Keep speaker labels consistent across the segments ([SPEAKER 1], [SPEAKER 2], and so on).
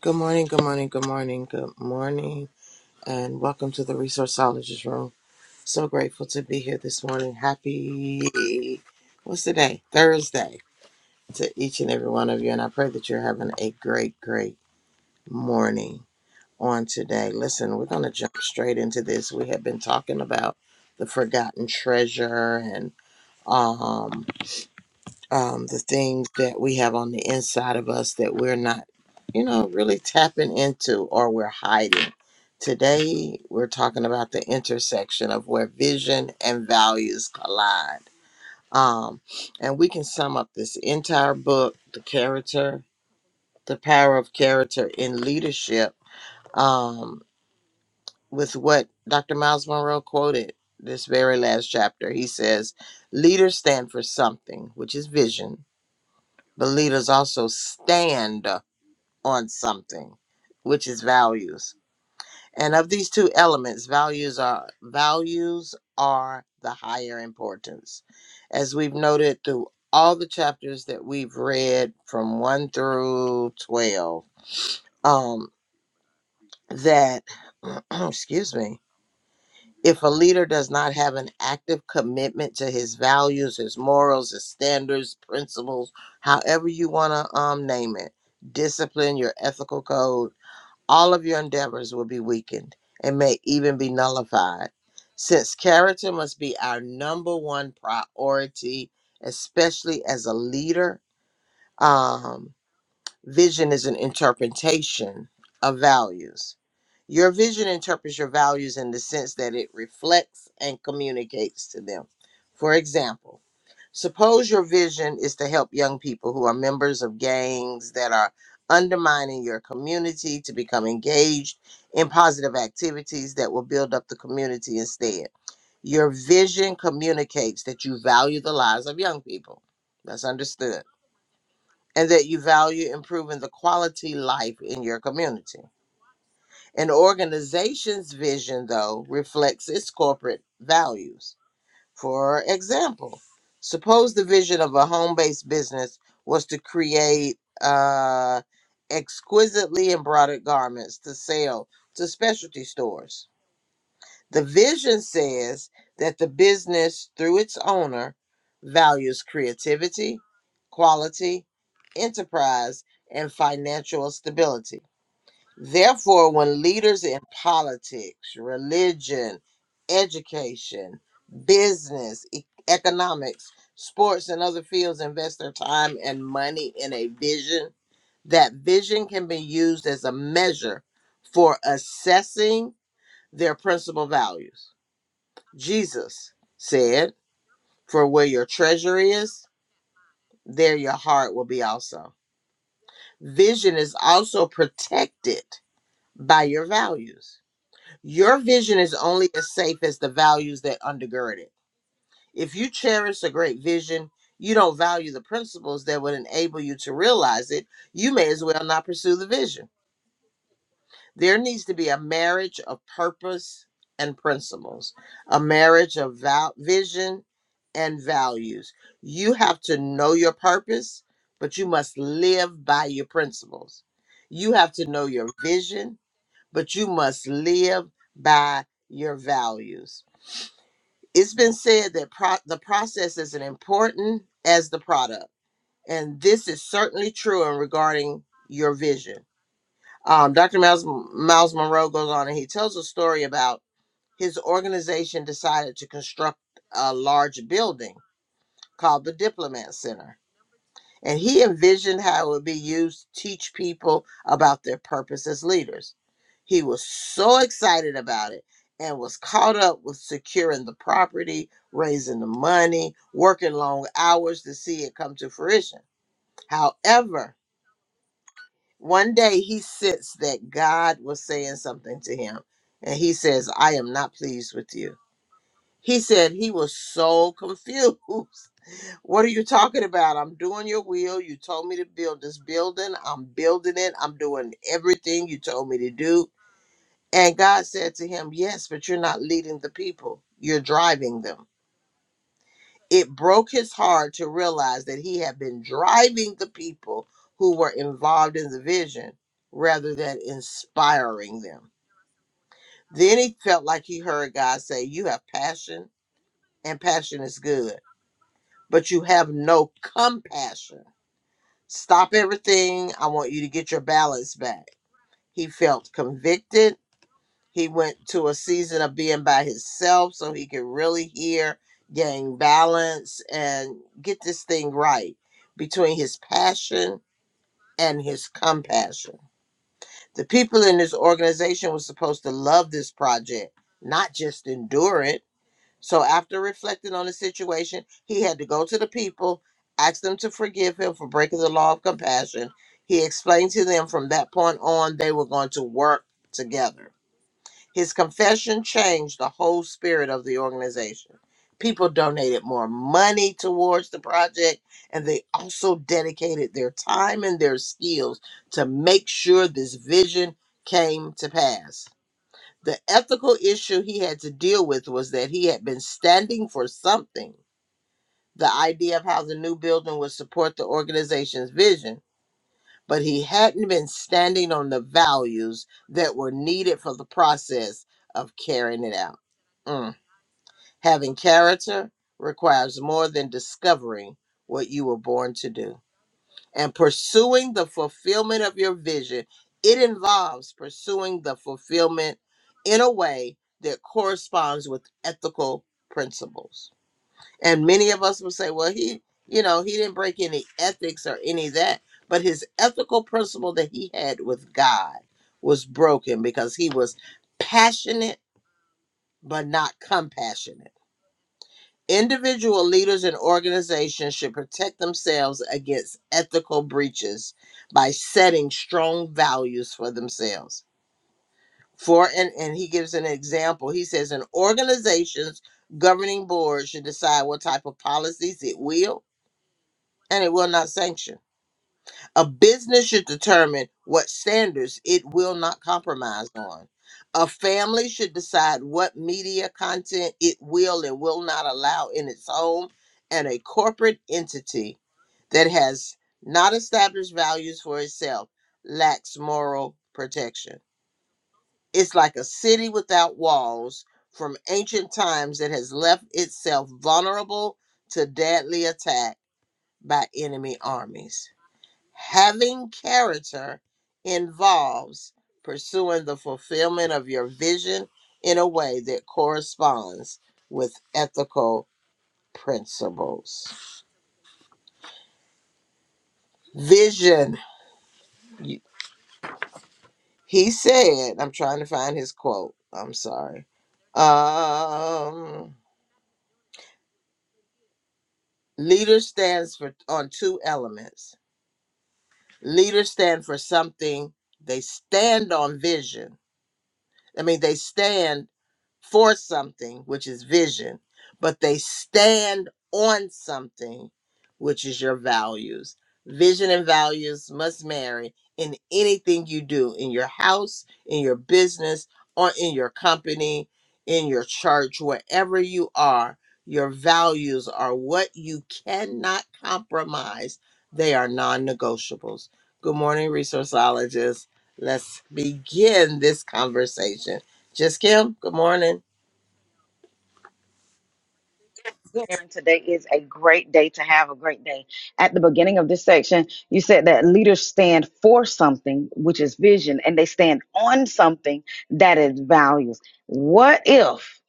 [SPEAKER 1] Good morning, good morning, good morning, good morning, and welcome to the Resourceologist Room. So grateful to be here this morning. Happy, what's today? Thursday to each and every one of you, and I pray that you're having a great, great morning on today. Listen, we're going to jump straight into this. We have been talking about the forgotten treasure and, um, um, the things that we have on the inside of us that we're not, you know, really tapping into or we're hiding. Today, we're talking about the intersection of where vision and values collide. Um, and we can sum up this entire book, the character, the power of character in leadership, um, with what Dr. Miles Monroe quoted this very last chapter. He says, Leaders stand for something, which is vision but leaders also stand on something, which is values. And of these two elements, values are values are the higher importance. As we've noted through all the chapters that we've read from 1 through 12, um that excuse me, If a leader does not have an active commitment to his values, his morals, his standards, principles, however you want to um, name it, discipline, your ethical code, all of your endeavors will be weakened and may even be nullified. Since character must be our number one priority, especially as a leader, um, Vision is an interpretation of values. Your vision interprets your values in the sense that it reflects and communicates to them. For example, suppose your vision is to help young people who are members of gangs that are undermining your community to become engaged in positive activities that will build up the community instead. Your vision communicates that you value the lives of young people. That's understood and that you value improving the quality life in your community. An organization's vision, though, reflects its corporate values. For example, suppose the vision of a home based business was to create uh, exquisitely embroidered garments to sell to specialty stores the vision says that the business, through its owner, values creativity, quality, enterprise, and financial stability. Therefore, when leaders in politics, religion, education, business, e- economics, sports, and other fields invest their time and money in a vision, that vision can be used as a measure for assessing their principal values. Jesus said, For where your treasure is, there your heart will be also. Vision is also protected by your values. Your vision is only as safe as the values that undergird it. If you cherish a great vision, you don't value the principles that would enable you to realize it, you may as well not pursue the vision. There needs to be a marriage of purpose and principles, a marriage of val- vision and values. You have to know your purpose, but you must live by your principles. You have to know your vision, but you must live by your values. It's been said that pro- the process is as important as the product. And this is certainly true in regarding your vision um, Dr. Miles, Miles Monroe goes on and he tells a story about his organization decided to construct a large building called the Diplomat Center. And he envisioned how it would be used to teach people about their purpose as leaders. He was so excited about it and was caught up with securing the property, raising the money, working long hours to see it come to fruition. However, One day he sits that God was saying something to him, and he says, I am not pleased with you. He said he was so confused. What are you talking about? I'm doing your will. You told me to build this building. I'm building it. I'm doing everything you told me to do. And God said to him, Yes, but you're not leading the people, you're driving them. It broke his heart to realize that he had been driving the people who were involved in the vision rather than inspiring them. Then he felt like he heard God say, You have passion, and passion is good, but you have no compassion. Stop everything. I want you to get your balance back. He felt convicted He went to a season of being by himself so he could really hear, gain balance, and get this thing right between his passion and his compassion. The people in this organization were supposed to love this project, not just endure it. So after reflecting on the situation, he had to go to the people, ask them to forgive him for breaking the law of compassion. He explained to them from that point on they were going to work together. His confession changed the whole spirit of the organization. People donated more money towards the project, and they also dedicated their time and their skills to make sure this vision came to pass. The ethical issue he had to deal with was that he had been standing for something. The idea of how the new building would support the organization's vision but he hadn't been standing on the values that were needed for the process of carrying it out. Mm. Having character requires more than discovering what you were born to do. And pursuing the fulfillment of your vision, it involves pursuing the fulfillment in a way that corresponds with ethical principles. And many of us will say, well, he, you know, he didn't break any ethics or any of that, but his ethical principle that he had with God was broken because he was passionate but not compassionate. Individual leaders and organizations should protect themselves against ethical breaches by setting strong values for themselves. For and, and he gives an example. He says an organization's governing board should decide what type of policies it will and it will not sanction. A business should determine what standards it will not compromise on. A family should decide what media content it will and will not allow in its home. And a corporate entity that has not established values for itself lacks moral protection. It's like a city without walls from ancient times that has left itself vulnerable to deadly attack by enemy armies. Having character involves pursuing the fulfillment of your vision in a way that corresponds with ethical principles. Vision. You- He said, I'm trying to find his quote. I'm sorry. Um, leader stands for on two elements. Leaders stand for something, they stand on vision I mean, they stand for something, which is vision, but they stand on something, which is your values. Vision and values must marry in anything you do in your house, in your business, or in your company, in your church, wherever you are. Your values are what you cannot compromise. They are non negotiables. Good morning, resourceologists. Let's begin this conversation. Just Kim, good morning.
[SPEAKER 2] Good morning. Today is a great day to have a great day. At the beginning of this section, you said that leaders stand for something, which is vision, and they stand on something that is values. What if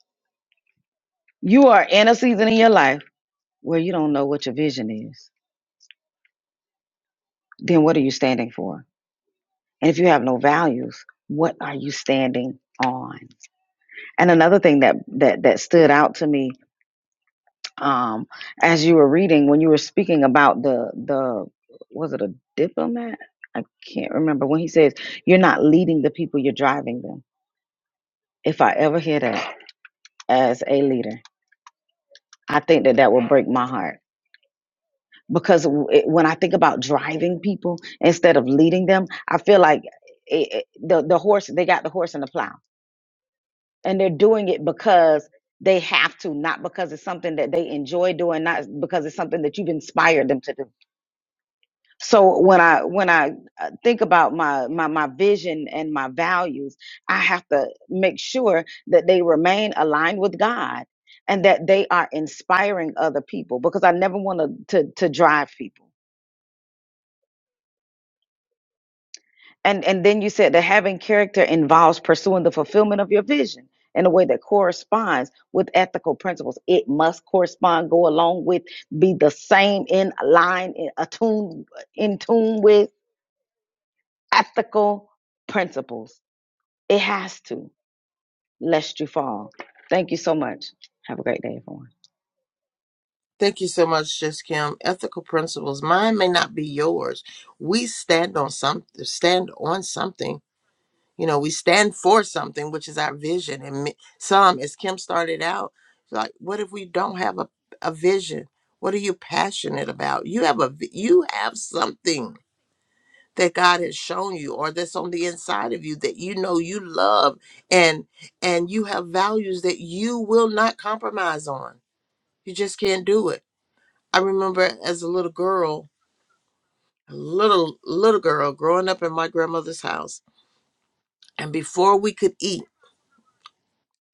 [SPEAKER 2] you are in a season in your life where you don't know what your vision is? Then what are you standing for? And if you have no values, what are you standing on? And another thing that that that stood out to me um as you were reading when you were speaking about the the was it a diplomat i can't remember when he says you're not leading the people you're driving them if i ever hear that as a leader i think that that will break my heart because w- it, when i think about driving people instead of leading them i feel like it, it- the the horse they got the horse and the plow and they're doing it because they have to not because it's something that they enjoy doing not because it's something that you've inspired them to do so when i when i uh, think about my my my vision and my values i have to make sure that they remain aligned with god and that they are inspiring other people because i never want to to drive people and and then you said that having character involves pursuing the fulfillment of your vision in a way that corresponds with ethical principles it must correspond go along with be the same in line in attuned in tune with ethical principles It has to, lest you fall. Thank you so much. Have a great day, everyone.
[SPEAKER 1] Thank you so much, Just Kim. Ethical principles. Mine may not be yours. We stand on some stand on something. You know, we stand for something, which is our vision. And me- some, as Kim started out, like, what if we don't have a, a vision? What are you passionate about? You have a v- you have something that God has shown you or that's on the inside of you that you know you love and and you have values that you will not compromise on. You just can't do it. I remember as a little girl, a little little girl growing up in my grandmother's house and before we could eat,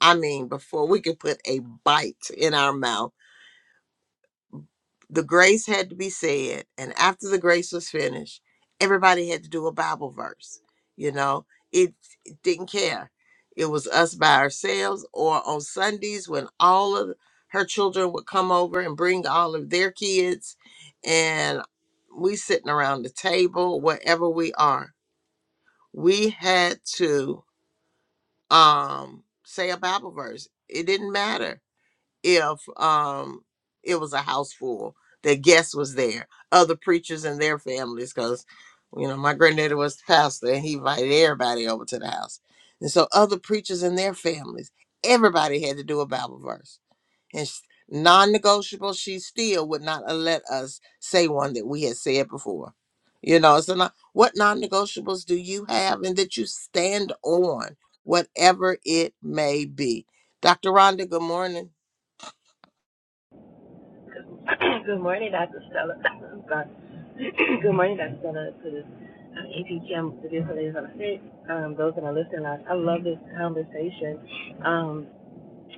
[SPEAKER 1] I mean before we could put a bite in our mouth, The grace had to be said, and after the grace was finished, everybody had to do a Bible verse. You know, it, it didn't care. It was us by ourselves, or on Sundays when all of her children would come over and bring all of their kids, and we sitting around the table, wherever we are. We had to um, say a Bible verse. It didn't matter if um it was a house full that guests was there other preachers and their families because you know my granddaddy was the pastor and he invited everybody over to the house and so other preachers and their families everybody had to do a bible verse and sh- non-negotiable she still would not let us say one that we had said before you know so not, what non-negotiables do you have and that you stand on whatever it may be dr rhonda good morning
[SPEAKER 3] Good morning, Dr. Stella. Good morning, Dr. Stella, to the uh, APGM, the beautiful ladies on the street, um, those in the listening lounge. I love this conversation, um,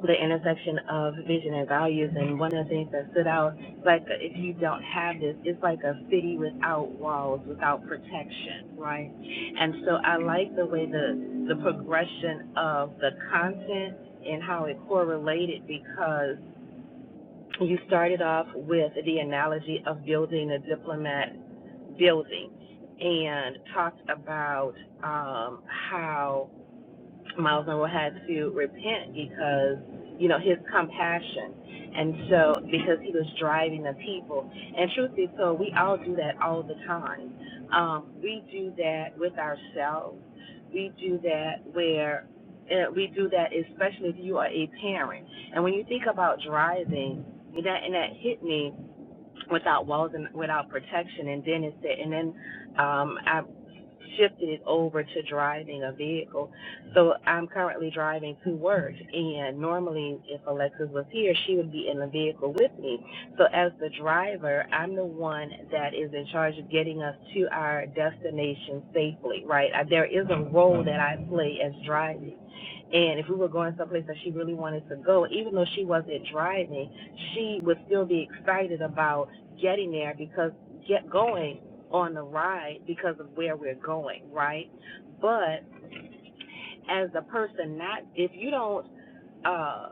[SPEAKER 3] the intersection of vision and values. And one of the things that stood out, like uh, if you don't have this, it's like a city without walls, without protection, right? And so I like the way the the progression of the content and how it correlated because you started off with the analogy of building a diplomat building and talked about um, how Miles Monroe had to repent because, you know, his compassion. And so, because he was driving the people. And truth be told, we all do that all the time. Um, we do that with ourselves. We do that where uh, we do that, especially if you are a parent. And when you think about driving, and that, and that hit me without walls and without protection. And then it said, and then um, I shifted it over to driving a vehicle. So I'm currently driving to work, and normally if Alexis was here, she would be in the vehicle with me. So as the driver, I'm the one that is in charge of getting us to our destination safely, right? I- There is a role that I play as driving. And if we were going someplace that she really wanted to go, even though she wasn't driving, she would still be excited about getting there because get going on the ride because of where we're going, right? But as a person not if you don't uh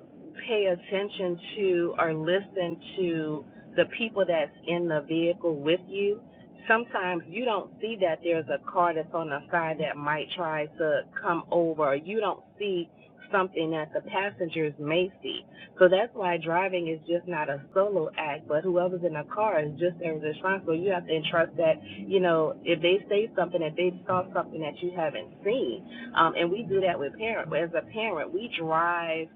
[SPEAKER 3] pay attention to or listen to the people that's in the vehicle with you sometimes you don't see that there's a car that's on the side that might try to come over or you don't see something that the passengers may see so that's why driving is just not a solo act but whoever's in the car is just as responsible you have to entrust that you know if they say something if they saw something that you haven't seen um, and we do that with parent. As a parent, we drive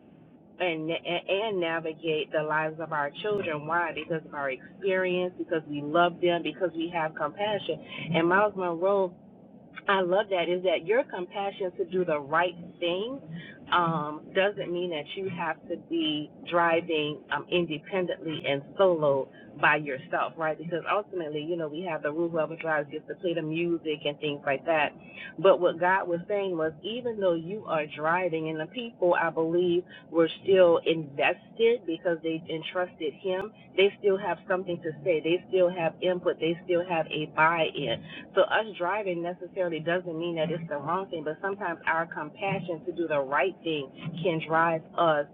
[SPEAKER 3] and and navigate the lives of our children. Why? Because of our experience, because we love them, because we have compassion. And Miles Monroe I love that is that your compassion to do the right thing um, doesn't mean that you have to be driving um, independently and solo by yourself, right? Because ultimately, you know, we have the rule whoever drives gets to play the music and things like that. But what God was saying was, even though you are driving, and the people I believe were still invested because they entrusted Him, they still have something to say, they still have input, they still have a buy-in so us driving necessarily doesn't mean that it's the wrong thing, but sometimes our compassion to do the right thing can drive us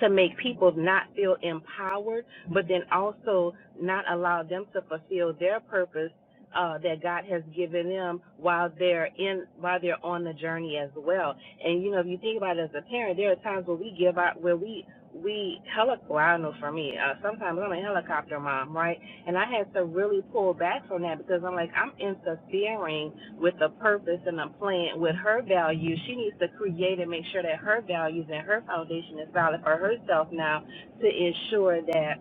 [SPEAKER 3] to make people not feel empowered, but then also not allow them to fulfill their purpose uh, that God has given them while they're in while they're on the journey as well. And you know, if you think about it as a parent, there are times where we give out where we we helic well, I don't know for me, uh, sometimes I'm a helicopter mom, right? And I had to really pull back from that because I'm like, I'm interfering with a purpose and a plan with her values. She needs to create and make sure that her values and her foundation is valid for herself now to ensure that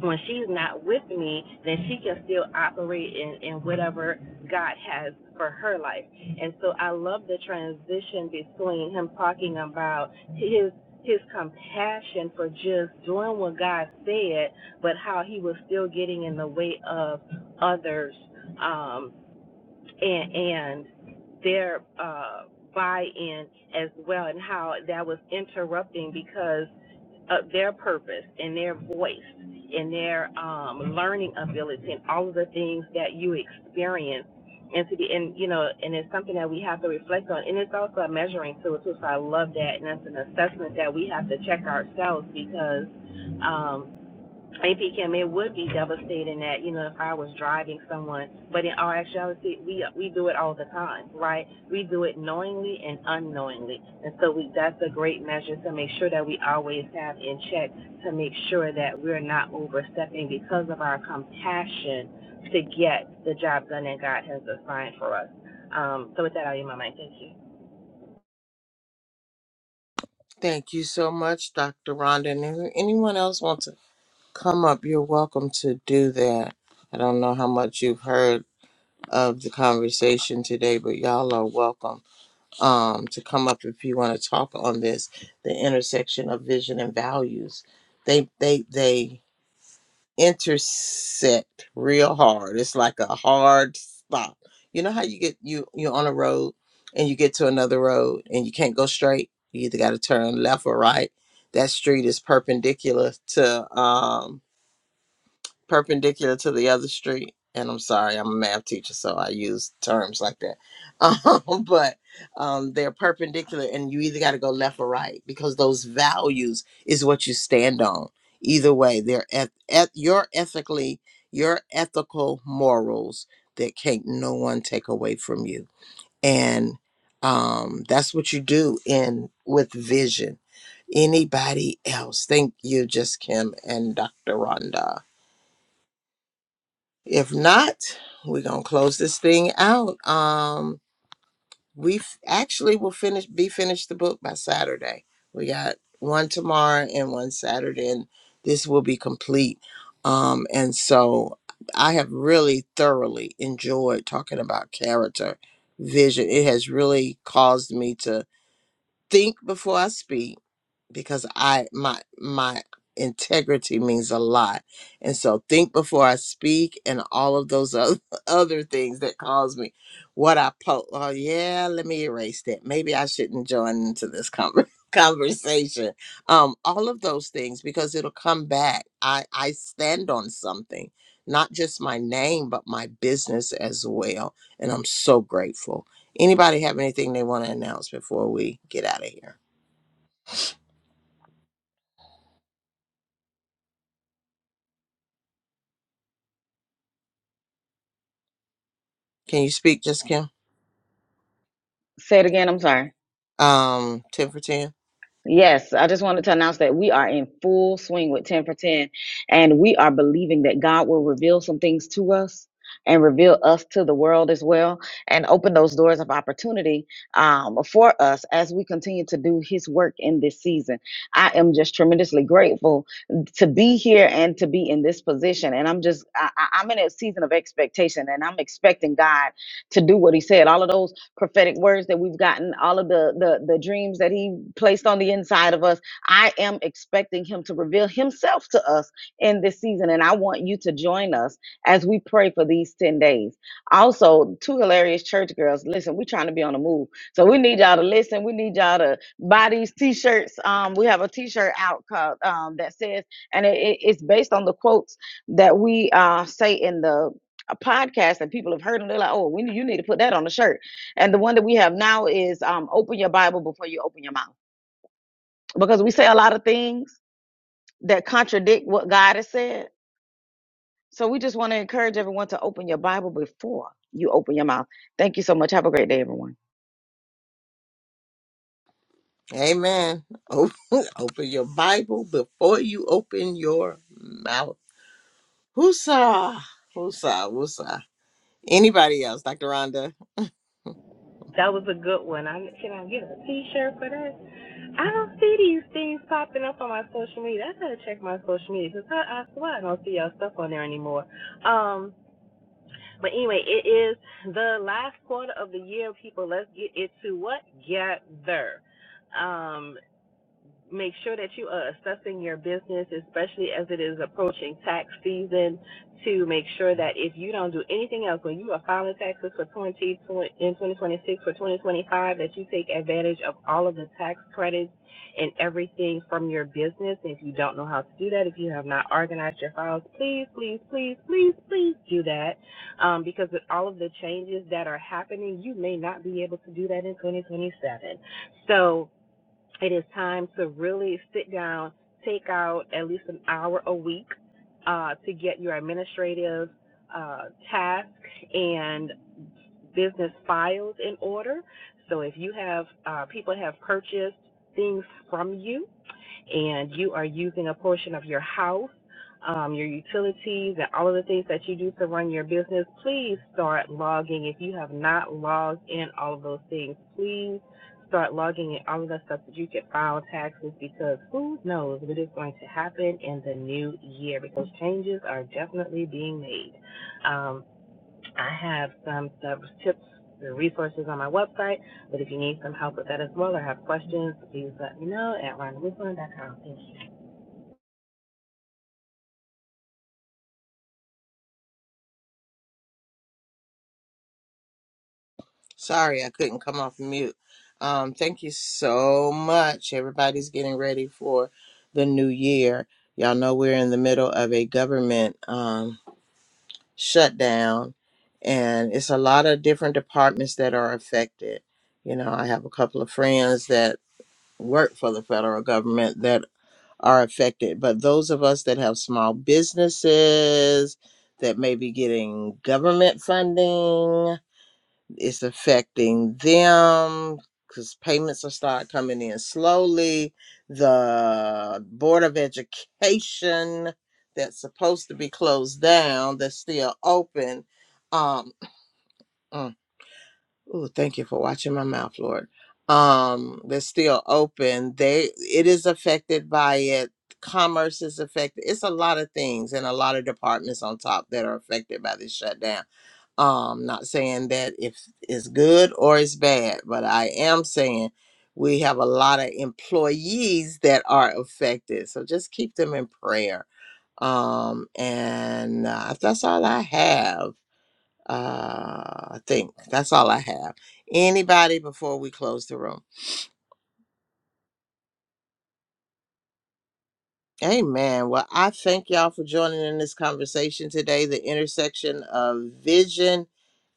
[SPEAKER 3] when she's not with me, then she can still operate in, in whatever God has for her life. And so I love the transition between him talking about his his compassion for just doing what God said, but how he was still getting in the way of others. Um, and and their uh, buy-in as well, and how that was interrupting because of their purpose and their voice and their um, learning ability and all of the things that you experience. And to be, and you know, and it's something that we have to reflect on, and it's also a measuring tool too. So I love that, and that's an assessment that we have to check ourselves because um, if he can, it would be devastating that you know if I was driving someone. But in our actuality, we we do it all the time, right? We do it knowingly and unknowingly, and so we that's a great measure to make sure that we always have in check to make sure that we're not overstepping because of our compassion to get the job done that God has assigned for us. Um, so with that, I'll yield my mic. Thank you.
[SPEAKER 1] Thank you so much, Dr. Rhonda. And if anyone else wants to come up, you're welcome to do that. I don't know how much you've heard of the conversation today, but y'all are welcome um, to come up if you want to talk on this, the intersection of vision and values. They they they intersect real hard. It's like a hard stop. You know how you get you you're on a road and you get to another road and you can't go straight. You either got to turn left or right. That street is perpendicular to um perpendicular to the other street. And I'm sorry, I'm a math teacher, so I use terms like that. Um, but um, they're perpendicular, and you either got to go left or right because those values is what you stand on. Either way, they're at, at your ethically, your ethical morals that can't no one take away from you, and um, that's what you do in with vision. Anybody else? Thank you, just Kim and Dr. Rhonda. If not, we're gonna close this thing out. Um, we f- actually will finish be finished the book by Saturday. We got one tomorrow and one Saturday, and this will be complete. Um, and so I have really thoroughly enjoyed talking about character vision. It has really caused me to think before I speak because I my my integrity means a lot. And so think before I speak and all of those other, other things that cause me what I po oh yeah, let me erase that. Maybe I shouldn't join into this conver- conversation. Um all of those things because it'll come back. I I stand on something, not just my name but my business as well, and I'm so grateful. Anybody have anything they want to announce before we get out of here? Can you speak, Just Kim?
[SPEAKER 2] Say it again. I'm sorry.
[SPEAKER 1] Um, 10 for 10.
[SPEAKER 2] Yes, I just wanted to announce that we are in full swing with 10 for 10, and we are believing that God will reveal some things to us and reveal us to the world as well and open those doors of opportunity um, for us as we continue to do his work in this season. I am just tremendously grateful to be here and to be in this position. And I'm just, I, I- I'm in a season of expectation and I'm expecting God to do what he said. All of those prophetic words that we've gotten, all of the, the the dreams that he placed on the inside of us. I am expecting him to reveal himself to us in this season, and I want you to join us as we pray for these ten days. Also, two hilarious church girls. Listen, we're trying to be on the move, so we need y'all to listen. We need y'all to buy these t-shirts. Um, we have a t-shirt out called um, that says, and it, it- it's based on the quotes that we uh, say in the a podcast and people have heard them. They're like, "Oh, we need, you need to put that on the shirt." And the one that we have now is um, open your Bible before you open your mouth. Because we say a lot of things that contradict what God has said. So we just want to encourage everyone to open your Bible before you open your mouth. Thank you so much. Have a great day, everyone.
[SPEAKER 1] Amen. Open, open your Bible before you open your mouth. Whoosah. Whoosah. Whoosah. Anybody else? Dr. Rhonda?
[SPEAKER 3] That was a good one. I can I get a T-shirt for that? I don't see these things popping up on my social media. I gotta check my social media because I, I swear I don't see y'all stuff on there anymore. Um, but anyway, it is the last quarter of the year, people. Let's get it to what? Get there. Um, make sure that you are assessing your business, especially as it is approaching tax season, to make sure that if you don't do anything else, when you are filing taxes for 20, twenty in 2026 for 2025, that you take advantage of all of the tax credits and everything from your business. And If you don't know how to do that, if you have not organized your files, please, please, please, please, please do that. Um, because with all of the changes that are happening, you may not be able to do that in 2027. So, it is time to really sit down, take out at least an hour a week uh, to get your administrative uh, tasks and business files in order. So if you have uh, people have purchased things from you, and you are using a portion of your house, um, your utilities, and all of the things that you do to run your business, please start logging. If you have not logged in all of those things, please start logging in all of the stuff that you can file taxes because who knows what is going to happen in the new year because changes are definitely being made. Um, I have some tips and resources on my website, but if you need some help with that as well or have questions, please let me know at rondawisland.com. Thank you.
[SPEAKER 1] Sorry, I couldn't come off mute. Um, thank you so much. Everybody's getting ready for the new year. Y'all know we're in the middle of a government um, shutdown, and it's a lot of different departments that are affected. You know, I have a couple of friends that work for the federal government that are affected, but those of us that have small businesses that may be getting government funding, it's affecting them because payments will start coming in slowly. The Board of Education that's supposed to be closed down, that's still open. Um, Ooh, thank you for watching my mouth, Lord. Um, they're still open. They it is affected by it. Commerce is affected. It's a lot of things and a lot of departments on top that are affected by this shutdown. Um, not saying that if it's good or it's bad, but I am saying we have a lot of employees that are affected. So just keep them in prayer. Um, and uh, that's all I have uh, I think that's all I have. Anybody before we close the room? Amen. Well, I thank y'all for joining in this conversation today, the intersection of vision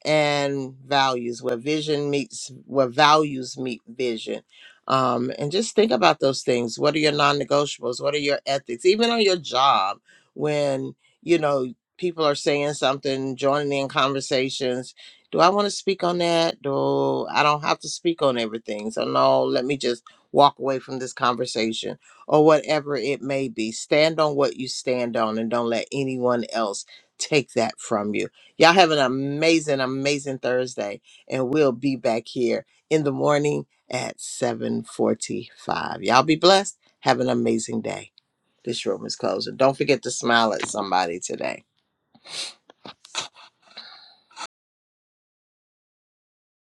[SPEAKER 1] and values where vision meets where values meet vision um and just think about those things what are your non-negotiables what are your ethics even on your job when you know people are saying something joining in conversations do i want to speak on that do i don't have to speak on everything so no let me just walk away from this conversation or whatever it may be stand on what you stand on and don't let anyone else take that from you Y'all have an amazing, amazing Thursday, and we'll be back here in the morning at 7:45. Y'all be blessed. Have an amazing day. This room is closing. Don't forget to smile at somebody today.